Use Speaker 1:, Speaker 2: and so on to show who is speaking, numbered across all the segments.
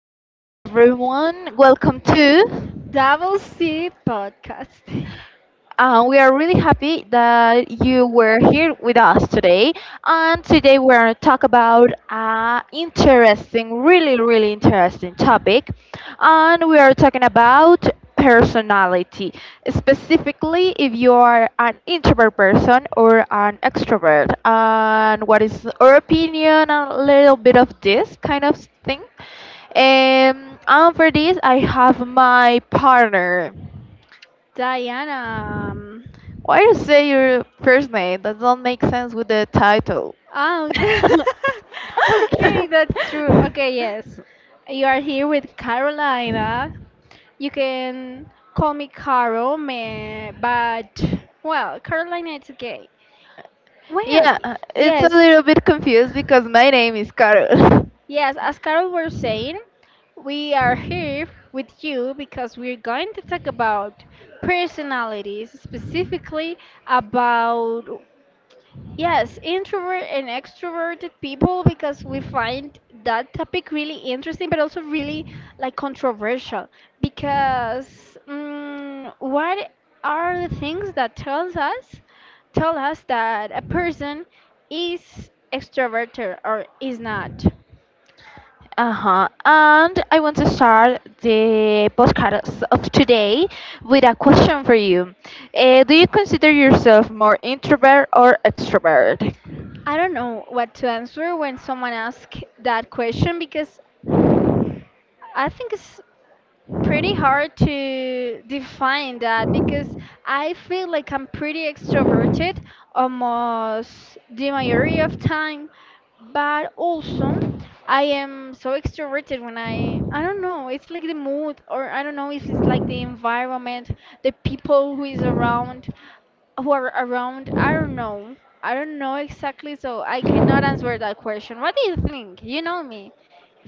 Speaker 1: Hello everyone, welcome to
Speaker 2: Double C podcast.
Speaker 1: we are really happy that you were here with us today. And today we're going to talk about an interesting, really, really interesting topic. And we are talking about personality. Specifically, if you are an introvert person or an extrovert, and what is our opinion, a little bit of this kind of thing. And for this, I have my partner.
Speaker 2: Diana.
Speaker 1: Why you say your first name? That don't make sense with the title.
Speaker 2: Oh, okay, that's true. Okay, yes. You are here with Carolina. You can call me Caro, but, well, Carolina, it's okay. Well,
Speaker 1: Yeah, it's a
Speaker 2: yes.
Speaker 1: little bit confused because my name is Carol.
Speaker 2: Yes, as Carol was saying, we are here with you because we're going to talk about personalities, specifically about yes, introvert and extroverted people because we find that topic really interesting, but also really like controversial because what are the things that tells us tell us that a person is extroverted or is not?
Speaker 1: Uh huh. And I want to start the podcast of today with a question for you. Do you consider yourself more introvert or extrovert?
Speaker 2: I don't know what to answer when someone asks that question because I think it's pretty hard to define that because I feel like I'm pretty extroverted almost the majority of time, but also I am so extroverted when I don't know, it's like the mood or I don't know if it's like the environment, the people who is around who are around. I don't know. I don't know exactly, so I cannot answer that question. What do you think? You know me.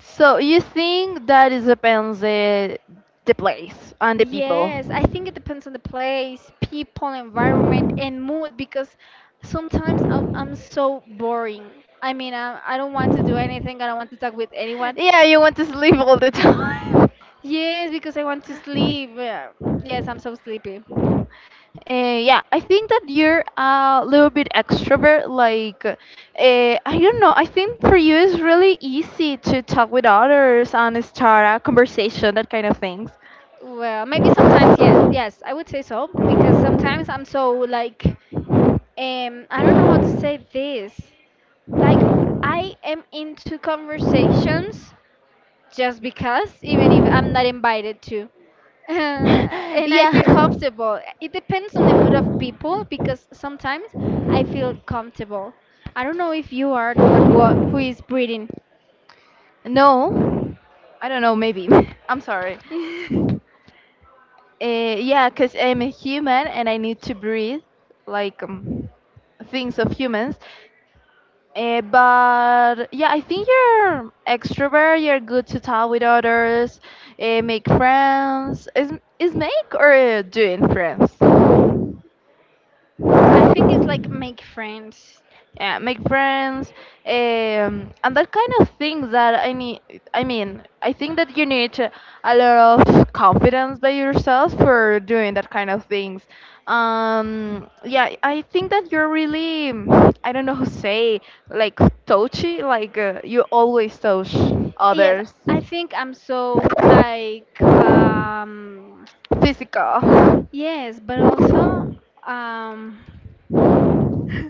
Speaker 1: So you think that it depends the place and the people.
Speaker 2: Yes, I think it depends on the place, people, environment, and mood because sometimes I'm so boring. I mean, I don't want to do anything, I don't want to talk with anyone.
Speaker 1: Yeah, you want to sleep all the time.
Speaker 2: Yes, because I want to sleep. Yeah. Yes, I'm so sleepy.
Speaker 1: Yeah, I think that you're a little bit extrovert. Like, I don't know. I think for you it's really easy to talk with others and start a conversation, that kind of things.
Speaker 2: Well, maybe sometimes, yeah, yes, I would say so because sometimes I'm so like, I don't know how to say this. Like, I am into conversations just because, even if I'm not invited to. And I feel
Speaker 1: Yeah.
Speaker 2: comfortable. It depends on the mood of people because sometimes I feel comfortable. I don't know if you are the one who are, who is breathing.
Speaker 1: No, I don't know, maybe. I'm sorry.
Speaker 2: I
Speaker 1: Uh, yeah, because I'm a human and I need to breathe like things of humans. But yeah, I think you're extrovert. You're good to talk with others, make friends. Is make or doing friends?
Speaker 2: think it's like make friends.
Speaker 1: Yeah, make friends, and that kind of thing that I need. I mean, I think that you need a lot of confidence by yourself for doing that kind of things. Yeah, I think that you're really, I don't know how to say, like touchy, like you always touch
Speaker 2: Yes,
Speaker 1: others.
Speaker 2: I think I'm so
Speaker 1: Physical.
Speaker 2: yes, but also um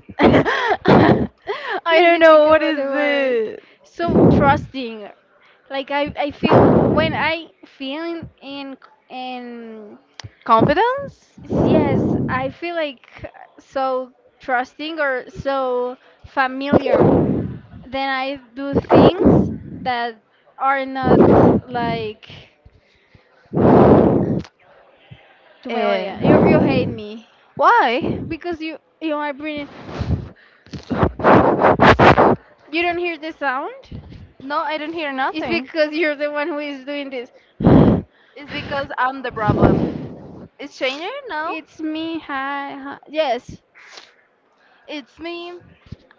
Speaker 1: I
Speaker 2: Let
Speaker 1: don't
Speaker 2: me
Speaker 1: know
Speaker 2: think
Speaker 1: what
Speaker 2: about
Speaker 1: is
Speaker 2: the word.
Speaker 1: it.
Speaker 2: So trusting. Like I feel when I feel in
Speaker 1: Confidence?
Speaker 2: yes, I feel like so trusting or so familiar. Then I do things that are not like to my
Speaker 1: Eh.
Speaker 2: audience. You hate me
Speaker 1: Why?
Speaker 2: because you are bringing. You don't hear the sound.
Speaker 1: No, I don't hear
Speaker 2: It's
Speaker 1: nothing.
Speaker 2: because you're the one who is doing this.
Speaker 1: It's because I'm the problem. It's changing? No.
Speaker 2: It's me. Hi. Hi. Yes.
Speaker 1: It's me.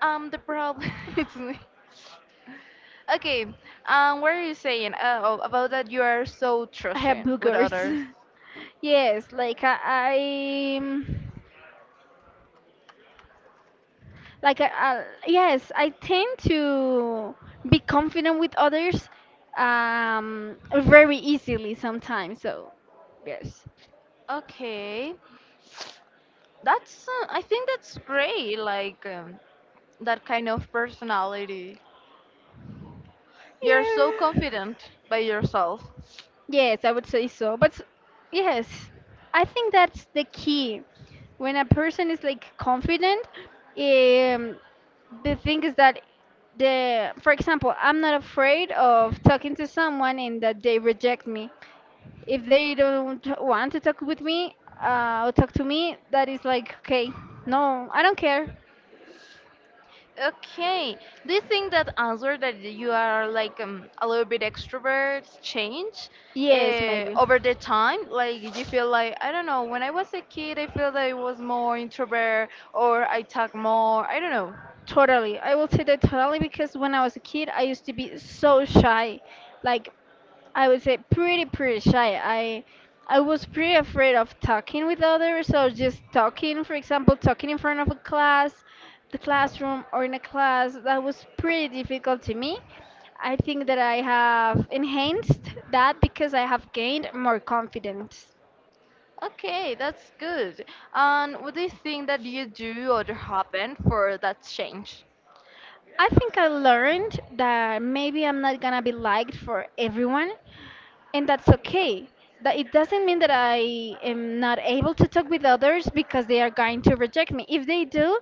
Speaker 1: I'm the problem. It's me. Okay. What are you saying? Oh, about that you are so
Speaker 2: I have
Speaker 1: trusting with
Speaker 2: boogers.
Speaker 1: others.
Speaker 2: Yes, like yes, I tend to be confident with others very easily sometimes. So, yes.
Speaker 1: Okay. That's I think that's great. Like that kind of personality. You're so confident by yourself.
Speaker 2: Yes, I would say so. Yes, I think that's the key. When a person is like confident, um, the thing is that for example, I'm not afraid of talking to someone and that they reject me. If they don't want to talk with me, or talk to me, that is like, okay, no, I don't care.
Speaker 1: Okay. Do you think that answer that you are like a little bit extroverts change
Speaker 2: Yes, maybe.
Speaker 1: over the time? Like you feel like I don't know. When I was a kid, I feel that I was more introvert or I talk more. I don't know.
Speaker 2: Totally. I will say that totally because when I was a kid, I used to be so shy. Like I would say pretty shy. I was pretty afraid of talking with others, so just talking, for example, talking in front of a class, the classroom or in a class, that was pretty difficult to me. I think that I have enhanced that because I have gained more confidence.
Speaker 1: Okay, that's good. And what do you think that you do or happen for that change?
Speaker 2: I think I learned that maybe I'm not gonna be liked for everyone, and that's okay. That it doesn't mean that I am not able to talk with others because they are going to reject me. If they do,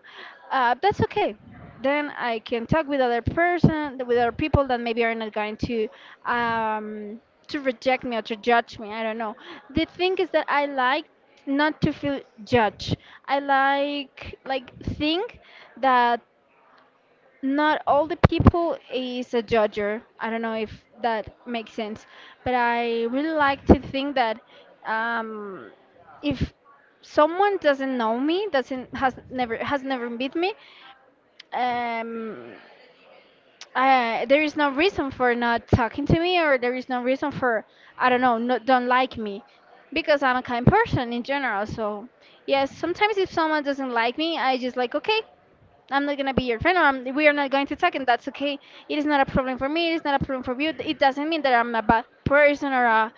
Speaker 2: that's okay. Then I can talk with other person, with other people that maybe are not going um, to reject me or to judge me. I don't know. The thing is that I like not to feel judged. I think that not all the people is a judger. I don't know if that makes sense, but I really like to think that um, if someone doesn't know me, doesn't has never met me, um, there is no reason for not talking to me, or there is no reason for I don't know, not, don't like me, because I'm a kind person in general. So yes, sometimes if someone doesn't like me, I just like okay, I'm not gonna be your friend, we are not going to talk, and that's okay. It is not a problem for me. It is not a problem for you. It doesn't mean that I'm a bad person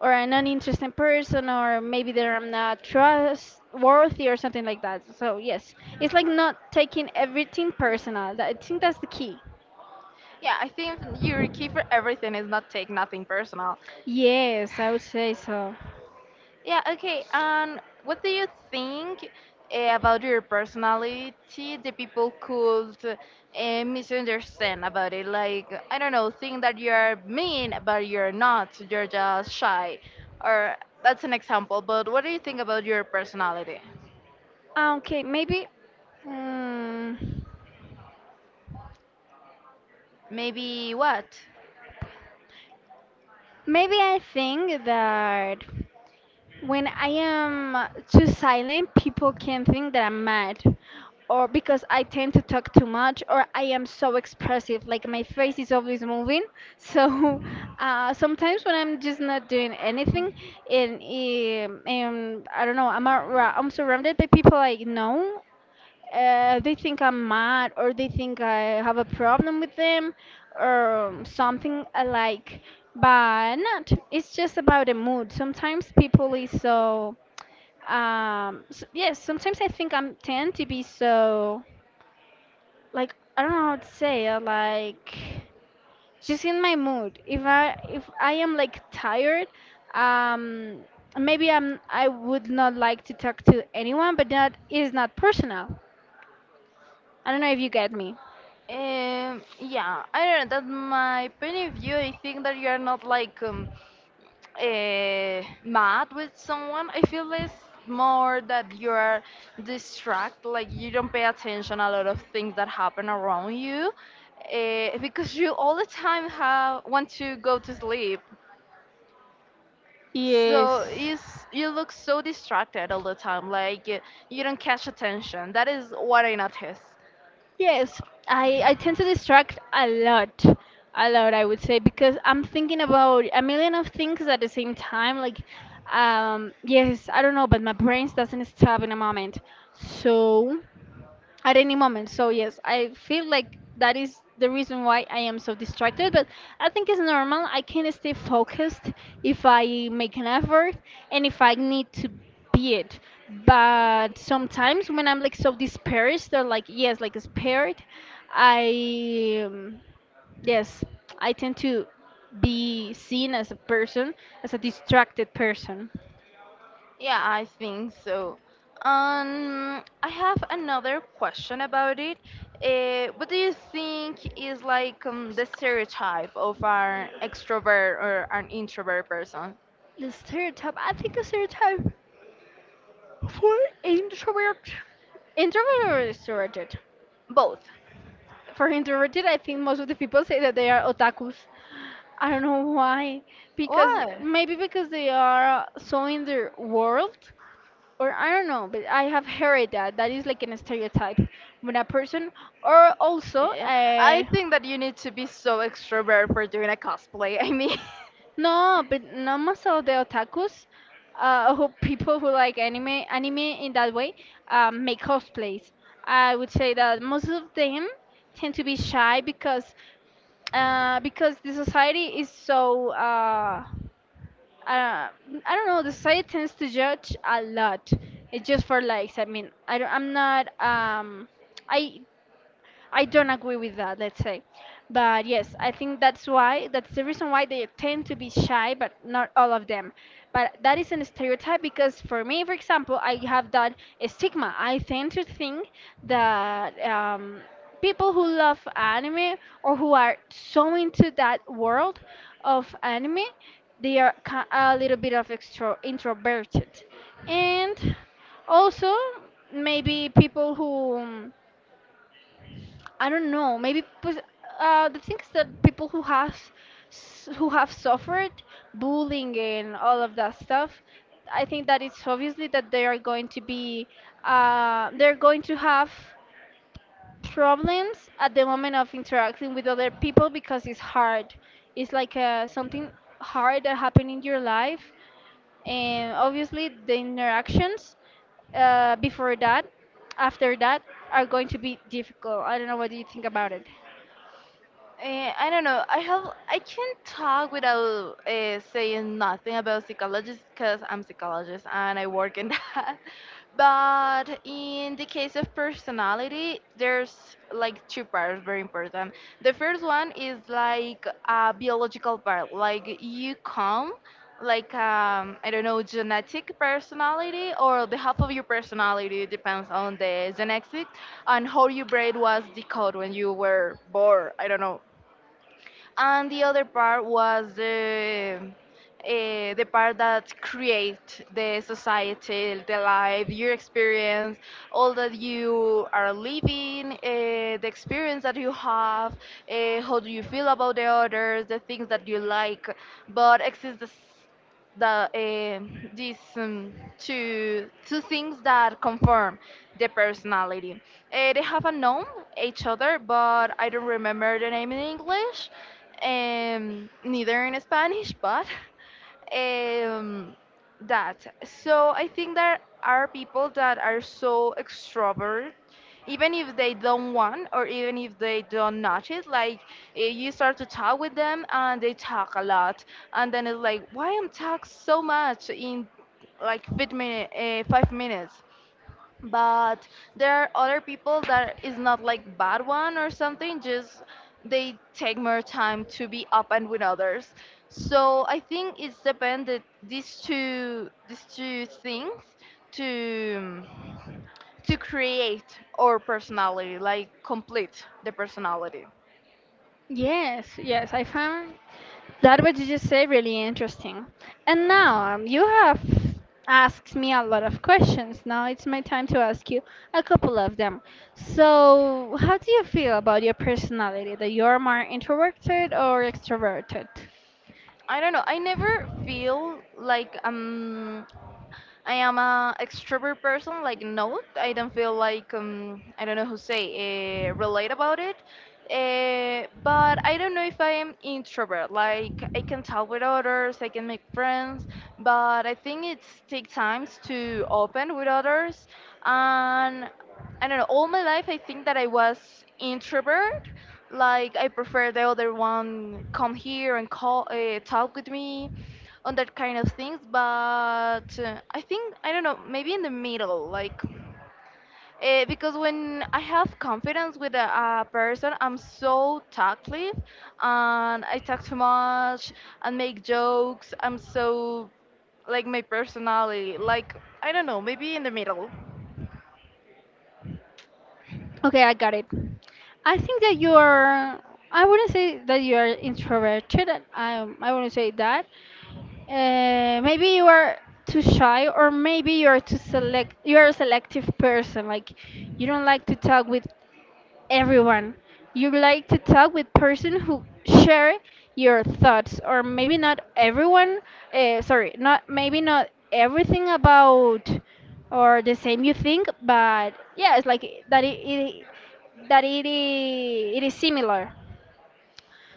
Speaker 2: or an uninteresting person, or maybe that I'm not trustworthy or something like that. So yes, it's like not taking everything personal. I think that's the key.
Speaker 1: Yeah, I think your key for everything is not take nothing personal.
Speaker 2: Yes, I would say so.
Speaker 1: Yeah, okay. And what do you think about your personality the people could misunderstand about it? Like, I don't know, think that you're mean, but you're not. You're just shy. Or that's an example. But what do you think about your personality?
Speaker 2: Okay, maybe. Mm,
Speaker 1: Maybe what?
Speaker 2: maybe I think that. When I am too silent, people can think that I'm mad, or because I tend to talk too much, or I am so expressive. Like my face is always moving. So sometimes when I'm just not doing anything, and, and I don't know, I'm surrounded by people I know they think I'm mad or they think I have a problem with them or something alike. But not. It's just about the mood. Sometimes people is so. S yes, sometimes I think I'm tend to be so like I don't know how to say it, like just in my mood. If I am like tired, um, maybe I'm I would not like to talk to anyone, but that is not personal. I don't know if you get me.
Speaker 1: Yeah, I don't know. That's my point of view. I think that you're not like mad with someone, I feel it's more that you are distract, like you don't pay attention a lot of things that happen around you, because you all the time have want to go to sleep. So
Speaker 2: Yes.
Speaker 1: you look so distracted all the time, like you don't catch attention. That is what I notice.
Speaker 2: Yes. I tend to distract a lot. A lot, I would say, because I'm thinking about a million of things at the same time. Like, yes, I don't know, but my brain doesn't stop in a moment. So. At any moment. So yes, I feel like that is the reason why I am so distracted, but I think it's normal. I can stay focused if I make an effort and if I need to be it. But sometimes when I'm like so dispersed or like yes, like spared, I yes, I tend to be seen as a person, as a distracted person.
Speaker 1: Yeah, I think so. I have another question about it. What do you think is like the stereotype of an extrovert or an introvert person?
Speaker 2: The stereotype. I think a stereotype. For introvert, introvert or extroverted?
Speaker 1: Both.
Speaker 2: For introverted, I think most of the people say that they are otakus. I don't know why. Because
Speaker 1: What?
Speaker 2: maybe because they are so in their world, or I don't know, but I have heard that that is like an stereotype when a person, or also,
Speaker 1: Yeah, I think that you need to be so extrovert for doing a cosplay. I mean,
Speaker 2: no, but no most of the otakus, who people who like anime in that way, make cosplays. I would say that most of them tend to be shy because the society is so, I don't know, the society tends to judge a lot. It's just for likes. I mean, I'm not, I I don't agree with that, let's say. But yes, I think that's why, that's the reason why they tend to be shy, but not all of them. But that is a stereotype because for me, for example, I have that stigma. I tend to think that people who love anime or who are so into that world of anime, they are a little bit of extro introverted. And also, maybe people who I don't know. The thing is that people who have who have suffered bullying and all of that stuff, I think that it's obviously that they are going to be they're going to have problems at the moment of interacting with other people because it's hard. It's like something hard that happened in your life, and obviously the interactions before that, after that, are going to be difficult. I don't know what do you think about it.
Speaker 1: I don't know. I have I can't talk without saying nothing about psychologists because I'm psychologist and I work in that. But in the case of personality, there's like two parts very important. The first one is like a biological part, like you come like I don't know genetic personality or the half of your personality depends on the genetics and how your brain was decoded when you were born. I don't know and the other part was the part that create the society, the life, your experience, all that you are living, the experience that you have, how do you feel about the others, the things that you like. But exists the, s- the these two things that confirm the personality. They have a name each other, but I don't remember the name in English, neither in Spanish. But um, that. So I think there are people that are so extrovert, even if they don't want or even if they don't notch it. Like you start to talk with them and they talk a lot, and then it's like, why I'm talk so much in like 5 minute, 5 minutes? But there are other people that is not like bad one or something just they take more time to be up and with others, so I think it's depended these two things to create our personality, like complete the personality.
Speaker 2: Yes, yes, I found that what you just said really interesting. And now you have asked me a lot of questions. Now it's my time to ask you a couple of them. So, how do you feel about your personality? That you're more introverted or extroverted?
Speaker 1: I don't know, I never feel like I am a extrovert person. Like no, I don't feel like I don't know who say relate about it. But I don't know if I am introvert. Like I can talk with others, I can make friends, but I think it takes times to open with others. And I don't know. All my life, I think that I was introvert. Like I prefer the other one come here and call talk with me on that kind of things, but I think I don't know, maybe in the middle, like because when I have confidence with a person, I'm so talkative and I talk too much and make jokes. I'm so like my personality, like I don't know, maybe in the middle.
Speaker 2: Okay, I got it. I think that you're. I wouldn't say that you are introverted. I wouldn't say that, uh, maybe you are too shy, or maybe you are too select. You are a selective person. Like you don't like to talk with everyone. You like to talk with person who share your thoughts, or maybe not everyone. Sorry, not maybe not everything about or the same you think, but yeah, it's like that. It is similar.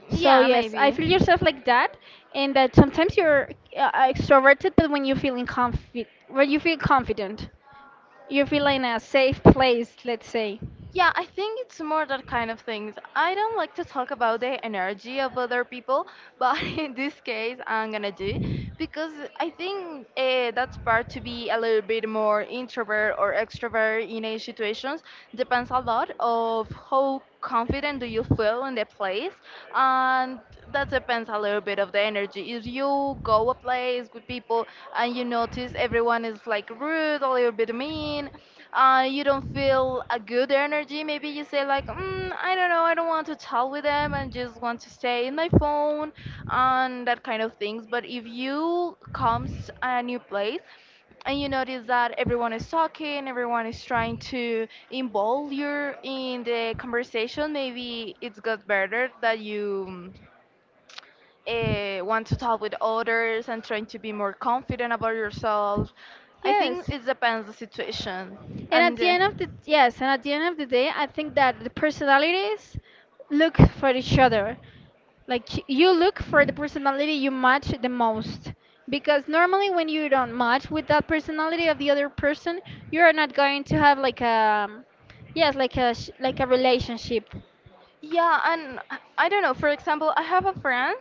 Speaker 2: So
Speaker 1: Yeah,
Speaker 2: yes, I feel
Speaker 1: maybe.
Speaker 2: yourself like that, and that sometimes you're extroverted, but when you feel confident, you feel in a safe place, let's say.
Speaker 1: Yeah, I think it's more that kind of things. I don't like to talk about the energy of other people, but in this case, I'm gonna do because I think that's part to be a little bit more introvert or extrovert in a situations depends a lot of how confident do you feel in the place, and that depends a little bit of the energy. If you go a place with people and you notice everyone is like rude, a little bit mean, you don't feel a good energy, maybe you say like, mm, I don't know, I don't want to talk with them. I just want to stay in my phone and that kind of things. But if you comes a new place and you notice that everyone is talking, everyone is trying to involve you in the conversation, maybe it's got better that you want to talk with others and trying to be more confident about yourself. I think
Speaker 2: Yes.
Speaker 1: it depends the situation.
Speaker 2: And at
Speaker 1: And
Speaker 2: the end of the yes, and at the end of the day, I think that the personalities look for each other. Like you look for the personality you match the most. Because normally when you don't match with that personality of the other person, you are not going to have like a, yes, like a,
Speaker 1: uh,
Speaker 2: like a relationship.
Speaker 1: yeah, and I don't know. For example, I have a friend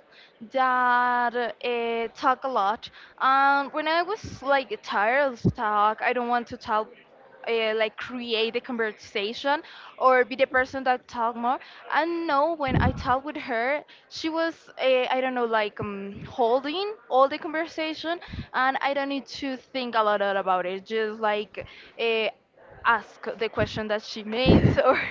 Speaker 1: that talk a lot. When I was like tired of talk, I don't want to talk, like create a conversation or be the person that talk more. And no, when I talk with her, she was I don't know like holding all the conversation, and I don't need to think a lot about it. Just like. Uh, Ask the question that she made or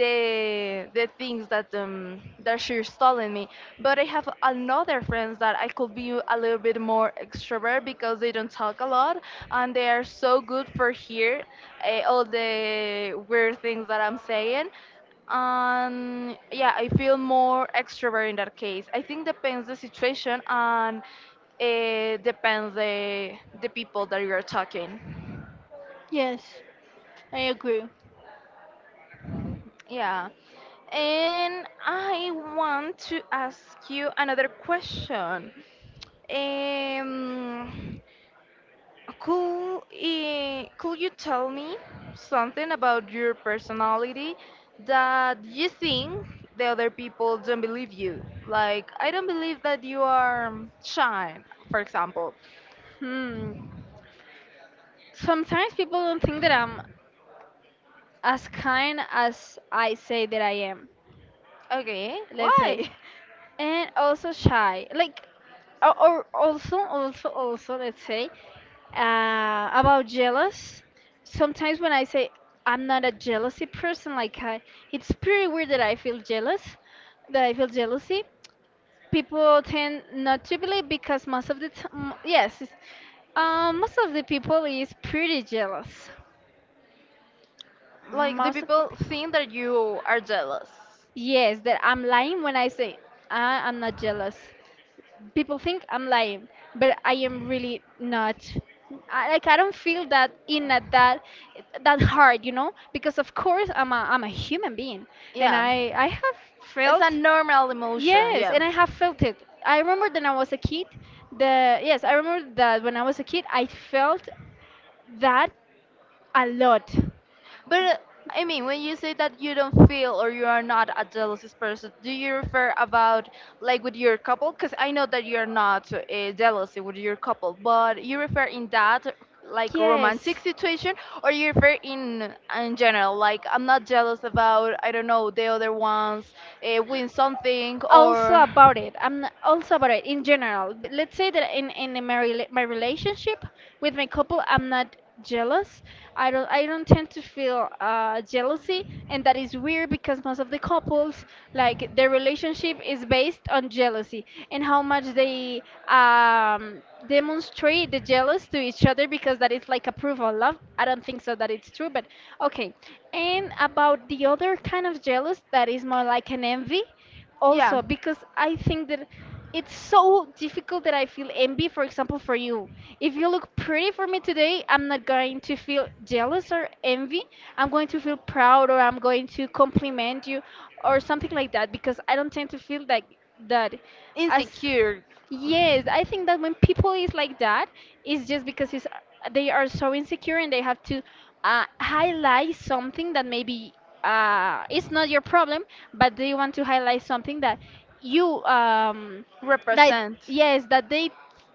Speaker 1: the things that that she's telling me, but I have another friends that I could be a little bit more extrovert because they don't talk a lot, and they are so good for hear all the weird things that I'm saying, and yeah, I feel more extrovert in that case. I think depends the situation, and it depends the people that you're talking.
Speaker 2: Yes, I agree.
Speaker 1: Yeah. And I want to ask you another question. Um, could you tell me something about your personality that you think the other people don't believe you? Like, I don't believe that you are shy, for example.
Speaker 2: Hmm. Sometimes people don't think that I'm as kind as I say that I am.
Speaker 1: Okay,
Speaker 2: Let's
Speaker 1: why?
Speaker 2: say. And also shy, like, or also let's say, about jealous. Sometimes when I say I'm not a jealousy person, like, I it's pretty weird that I feel jealous, that I feel jealousy. People tend not to believe because most of the time, yes, most of the people is pretty jealous,
Speaker 1: Like, the
Speaker 2: most of the
Speaker 1: people
Speaker 2: people
Speaker 1: think that you are jealous.
Speaker 2: yes, that I'm lying when I say, I'm not jealous. People think I'm lying, but I am really not. Like, I don't feel that in at that hard, you know, because of course I'm a human being, and
Speaker 1: Yeah,
Speaker 2: I have
Speaker 1: it's
Speaker 2: felt.
Speaker 1: a normal emotion.
Speaker 2: Yes,
Speaker 1: Yeah,
Speaker 2: and I have felt it. I remember that when I was a kid. The Yes, I remember that when I was a kid, I felt that a lot.
Speaker 1: but I mean when you say that you don't feel or you are not a jealous person, do you refer about like with your couple, because I know that you're not jealous with your couple, but you refer in that like
Speaker 2: Yes.
Speaker 1: romantic situation, or you refer in general, like I'm not jealous about I don't know the other ones win something
Speaker 2: Also
Speaker 1: or
Speaker 2: about it, in general. Let's say that in my relationship with my couple, I'm not jealous. I don't tend to feel, jealousy, and that is weird because most of the couples, like, their relationship is based on jealousy and how much they um demonstrate the jealous to each other because that is like approval love. I don't think so that it's true, but okay. And about the other kind of jealous that is more like an envy.
Speaker 1: yeah.
Speaker 2: Also because I think that it's so difficult that I feel envy, for example, for you. If you look pretty for me today, I'm not going to feel jealous or envy. I'm going to feel proud or I'm going to compliment you or something like that, because I don't tend to feel like that as.
Speaker 1: Insecure.
Speaker 2: Yes, I think that when people is like that, it's just because they are so insecure and they have to, highlight something that maybe, it's not your problem, but they want to highlight something that you, that,
Speaker 1: Represent.
Speaker 2: yes, that they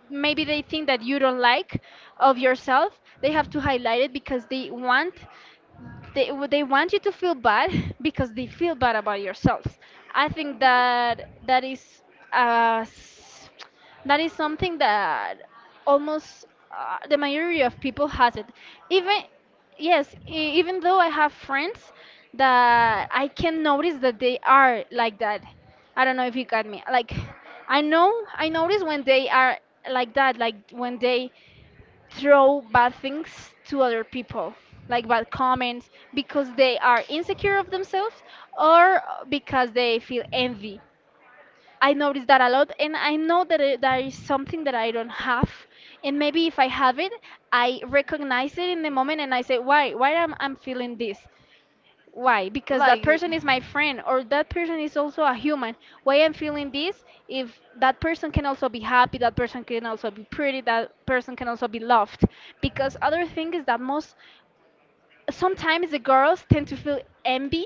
Speaker 2: maybe they think that you don't like of yourself. They have to highlight it because they want you to feel bad because they feel bad about yourselves. I think that that is, uh, s- that is something that almost, the majority of people has it. Even Yes, even though I have friends that I can notice that they are like that. I don't know if you got me. Like, I notice when they are like that, like when they throw bad things to other people, like bad comments, because they are insecure of themselves or because they feel envy. I notice that a lot, and I know that that is something that I don't have, and maybe if I have it, I recognize it in the moment, and I say, why am I feeling this? Why? Because that
Speaker 1: Like
Speaker 2: person is my friend, or that person is also a human. Why I'm feeling this if that person can also be happy, that person can also be pretty, that person can also be loved. Because other thing is that, most sometimes the girls tend to feel envy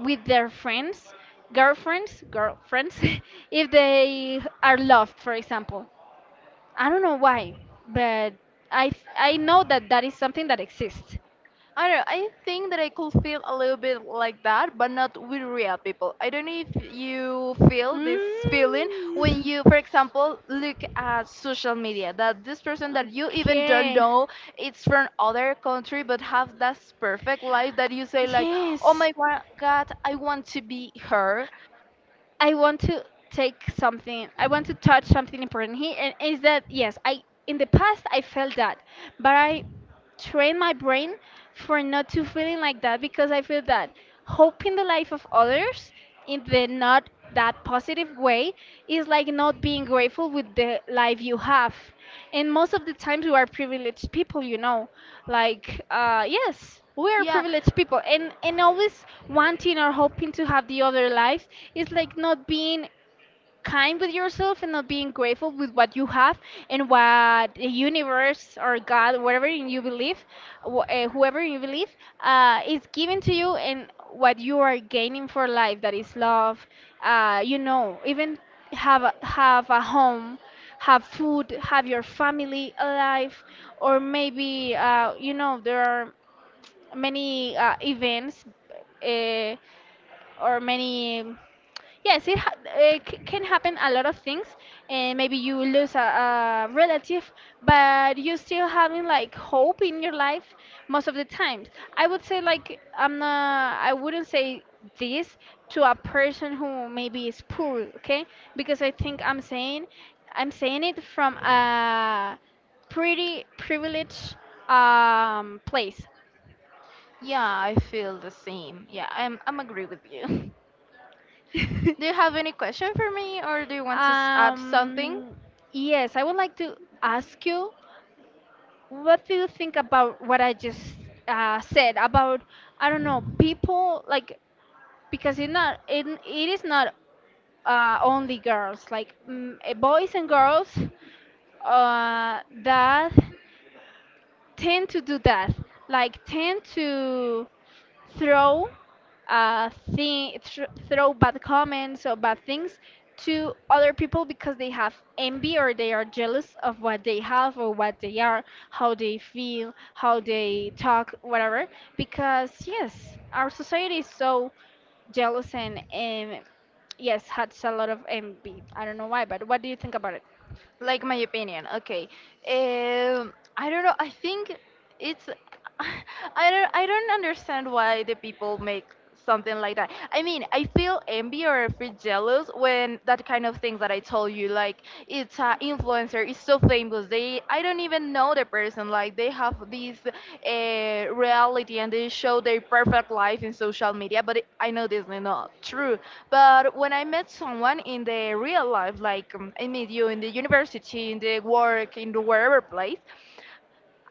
Speaker 2: with their friends, girlfriends, girlfriends if they are loved, for example. I don't know why, but I know that that is something that exists.
Speaker 1: I don't know. I think that I could feel a little bit like that, but not with real people. I don't know if you feel this feeling
Speaker 2: Mm.
Speaker 1: when you, for example, look at social media that this person that you even don't
Speaker 2: Okay.
Speaker 1: know, it's from other country, but have that perfect life that you say like,
Speaker 2: Yes.
Speaker 1: God, I want to be her.
Speaker 2: I want to take something. I want to touch something important here, and is that, yes, I in the past I felt that, but I train my brain for not to feeling like that because I feel that hoping the life of others in the not that positive way is like not being grateful with the life you have. And most of the times we are privileged people, you know, like, yes, we are
Speaker 1: Yeah,
Speaker 2: privileged people, and always wanting or hoping to have the other life is like not being kind with yourself and not being grateful with what you have and what the universe or God, whatever in you believe, whoever you believe, is giving to you and what you are gaining for life. That is love. You know, even have a home, have food, have your family alive, or maybe, you know, there are many, events. Uh, or many Yes, can happen a lot of things, and maybe you lose a relative, but you still having like hope in your life most of the times. I would say, like, I wouldn't say this to a person who maybe is poor, okay, because I think I'm saying it from a pretty privileged, place.
Speaker 1: yeah, I feel the same. Yeah, I'm agree with you. Do you have any question for me, or do you want to add something?
Speaker 2: Um, yes, I would like to ask you, what do you think about what I just, said about, I don't know, people, like, because it is not, only girls, like, boys and girls, that tend to do that, like tend to throw thi- thr throw bad comments or bad things to other people because they have envy or they are jealous of what they have or what they are, how they feel, how they talk, whatever. Because, yes, our society is so jealous and, yes, has a lot of envy. I don't know why, but what do you think about it?
Speaker 1: Like my opinion. Okay, I don't know, I think it's I don't, I don't understand why the people make something like that. I mean, I feel envy or I feel jealous when that kind of things that I told you, like it's an influencer is so famous they, I don't even know the person, like they have this reality and they show their perfect life in social media, but I know this is not true. But when I met someone in the real life, like I meet you in the university, in the work, in the wherever place,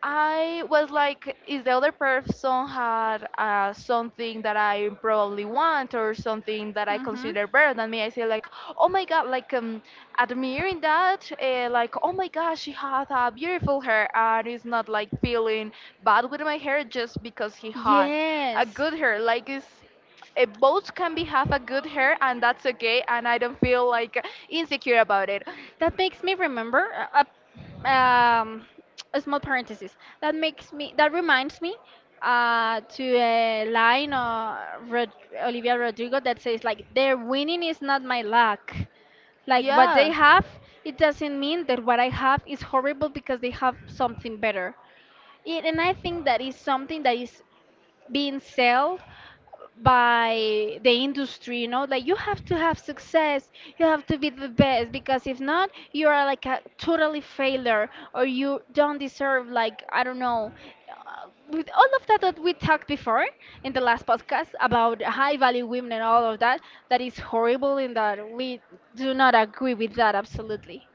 Speaker 1: I was like, is the other person had something that I probably want or something that I
Speaker 2: Mhm.
Speaker 1: consider better than me? I say like, oh my god, like admiring that, like oh my gosh, she had a beautiful hair, and it's not like feeling bad with my hair just because he had a
Speaker 2: Yes.
Speaker 1: good hair. Like, it's a both can be have a good hair and that's okay, and I don't feel like insecure about it.
Speaker 2: That makes me remember. Um, a small parenthesis. That makes me. That reminds me, to a line of Rod- Olivia Rodrigo, that says like, "Their winning is not my luck. Like what they
Speaker 1: Yeah.
Speaker 2: have, it doesn't mean that what I have is horrible because they have something better." And I think that is something that is being sold by the industry, you know, like, you have to have success, you have to be the best, because if not, you are like a totally failure, or you don't deserve, like, I don't know, with all of that that we talked before in the last podcast about high value women and all of that. That is horrible, in that we do not agree with that absolutely.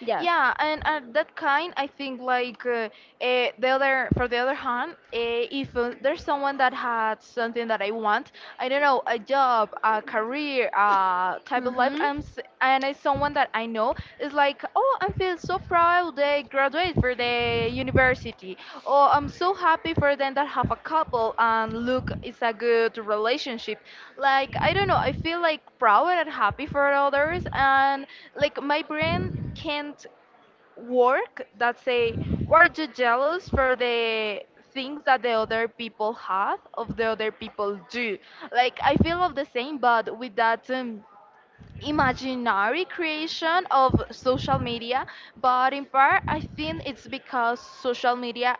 Speaker 2: Yeah.
Speaker 1: Yeah, and at that kind, I think like the other, for the other hand, if there's someone that had something that I want, I don't know, a job, a career, type of life,
Speaker 2: Mm-hmm.
Speaker 1: and it's someone that I know, is like, oh, I feel so proud they graduate for the university, or I'm so happy for them that have a couple and look, it's a good relationship. Like, I don't know, I feel like proud and happy for others, and like my brain can't work that say, were you jealous for the things that the other people have, of the other people do? Like I feel of the same, but with that imaginary creation of social media. But in part, I think it's because social media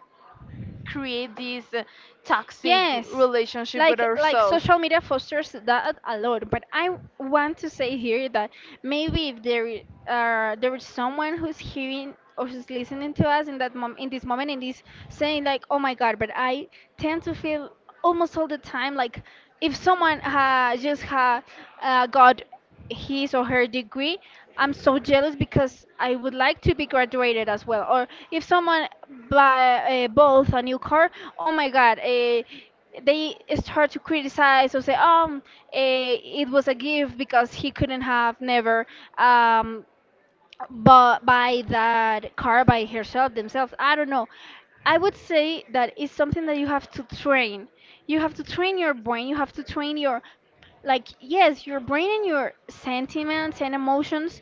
Speaker 1: create this toxic
Speaker 2: Yes,
Speaker 1: relationship with
Speaker 2: like
Speaker 1: ourselves.
Speaker 2: social media fosters that a lot, but I want to say here that maybe if there is someone who's hearing or who's listening to us in that mom in this moment, and is saying, like, oh my God, but I tend to feel almost all the time, like, if someone, just got his or her degree, I'm so jealous because I would like to be graduated as well. Or if someone buy, both a new car, oh my God, they start to criticize or say, it was a gift because he couldn't have never, um, but by that car by herself themselves, I don't know. I would say that it's something that you have to train, you have to train your brain, you have to train your, like, yes, your brain and your sentiments and emotions,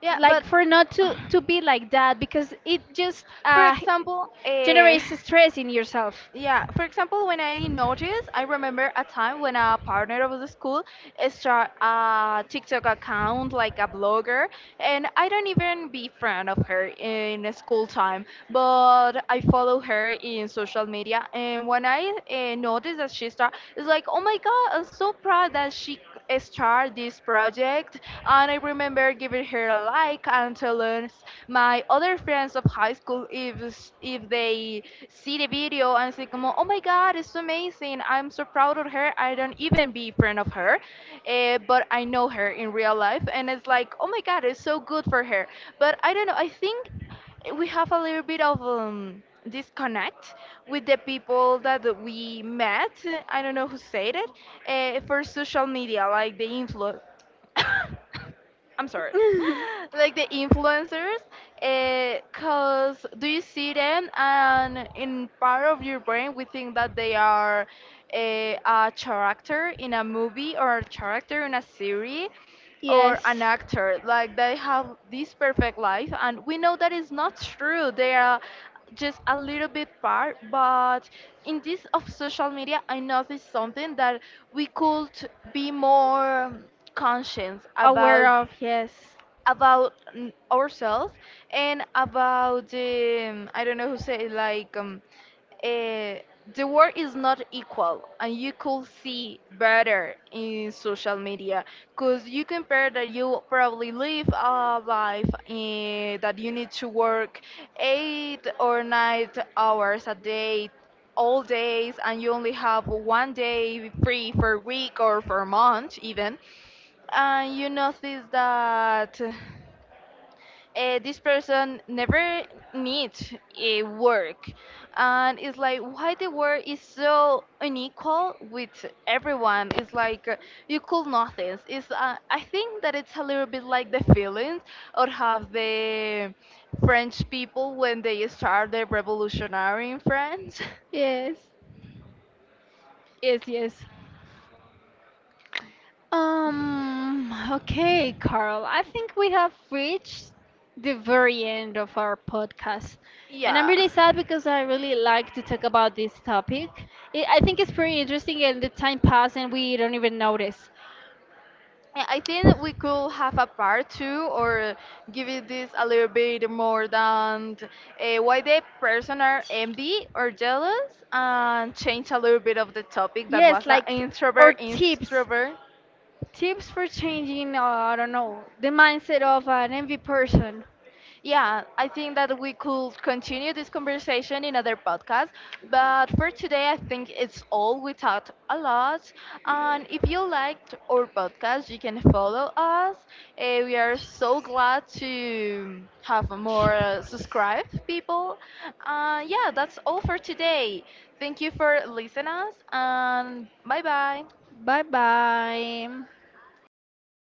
Speaker 1: Yeah,
Speaker 2: like,
Speaker 1: but
Speaker 2: for not to be like that, because it just,
Speaker 1: for example,
Speaker 2: generates stress in yourself.
Speaker 1: yeah, for example, when I noticed, I remember a time when a partner of the school started a TikTok account, like a blogger, and I don't even be friend of her in school time, but I follow her in social media, and when I noticed that she start, it's like, oh my god, I'm so proud that she start this project. And I remember giving her a like and telling my other friends of high school if they see the video and say como oh my god it's amazing, I'm so proud of her, I don't even be friend of her. But I know her in real life and it's like oh my god it's so good for her. But I don't know, I think we have a little bit of disconnect with the people that we met. I don't know who said it, for social media, like the influ. I'm sorry, like the influencers, because do you see them, and in part of your brain we think that they are a character in a movie or a character in a series or an
Speaker 2: Yes.
Speaker 1: actor, like they have this perfect life and we know that is not true. They are just a little bit part, but in this of social media, I noticed something that we could be more conscious
Speaker 2: Aware
Speaker 1: about
Speaker 2: of, yes.
Speaker 1: about ourselves and about the, I don't know who say it, like uh, the world is not equal and you could see better in social media, because you compare that you probably live a life eh, that you need to work 8 or 9 hours a day, all days, and you only have one day free for a week or for a month even. And you notice that this person never needs a work. And it's like, why the world is so unequal with everyone? It's like you could nothing. It's I think that it's a little bit like the feelings or have the french people when they start the revolutionary in france.
Speaker 2: Yes. Yes, yes. Okay, Carl. I think we have reached the very end of our podcast. And I'm
Speaker 1: Yeah.
Speaker 2: really sad because I really like to talk about this topic. I think it's pretty interesting, and the time passes and we don't even notice.
Speaker 1: Yeah, I think we could have a part 2 or give it this a little bit more than why the person are envy or jealous, and change a little bit of the topic that
Speaker 2: Yes,
Speaker 1: was an
Speaker 2: like our
Speaker 1: introvert,
Speaker 2: tips.
Speaker 1: introvert.
Speaker 2: Tips for changing, I don't know, the mindset of an envy person.
Speaker 1: Yeah, I think that we could continue this conversation in other podcasts, but for today, I think it's all. We talked a lot, and if you liked our podcast, you can follow us. Eh, we are so glad to have more subscribed people. Yeah, that's all for today. Thank you for listening us, and bye bye.
Speaker 2: Bye bye.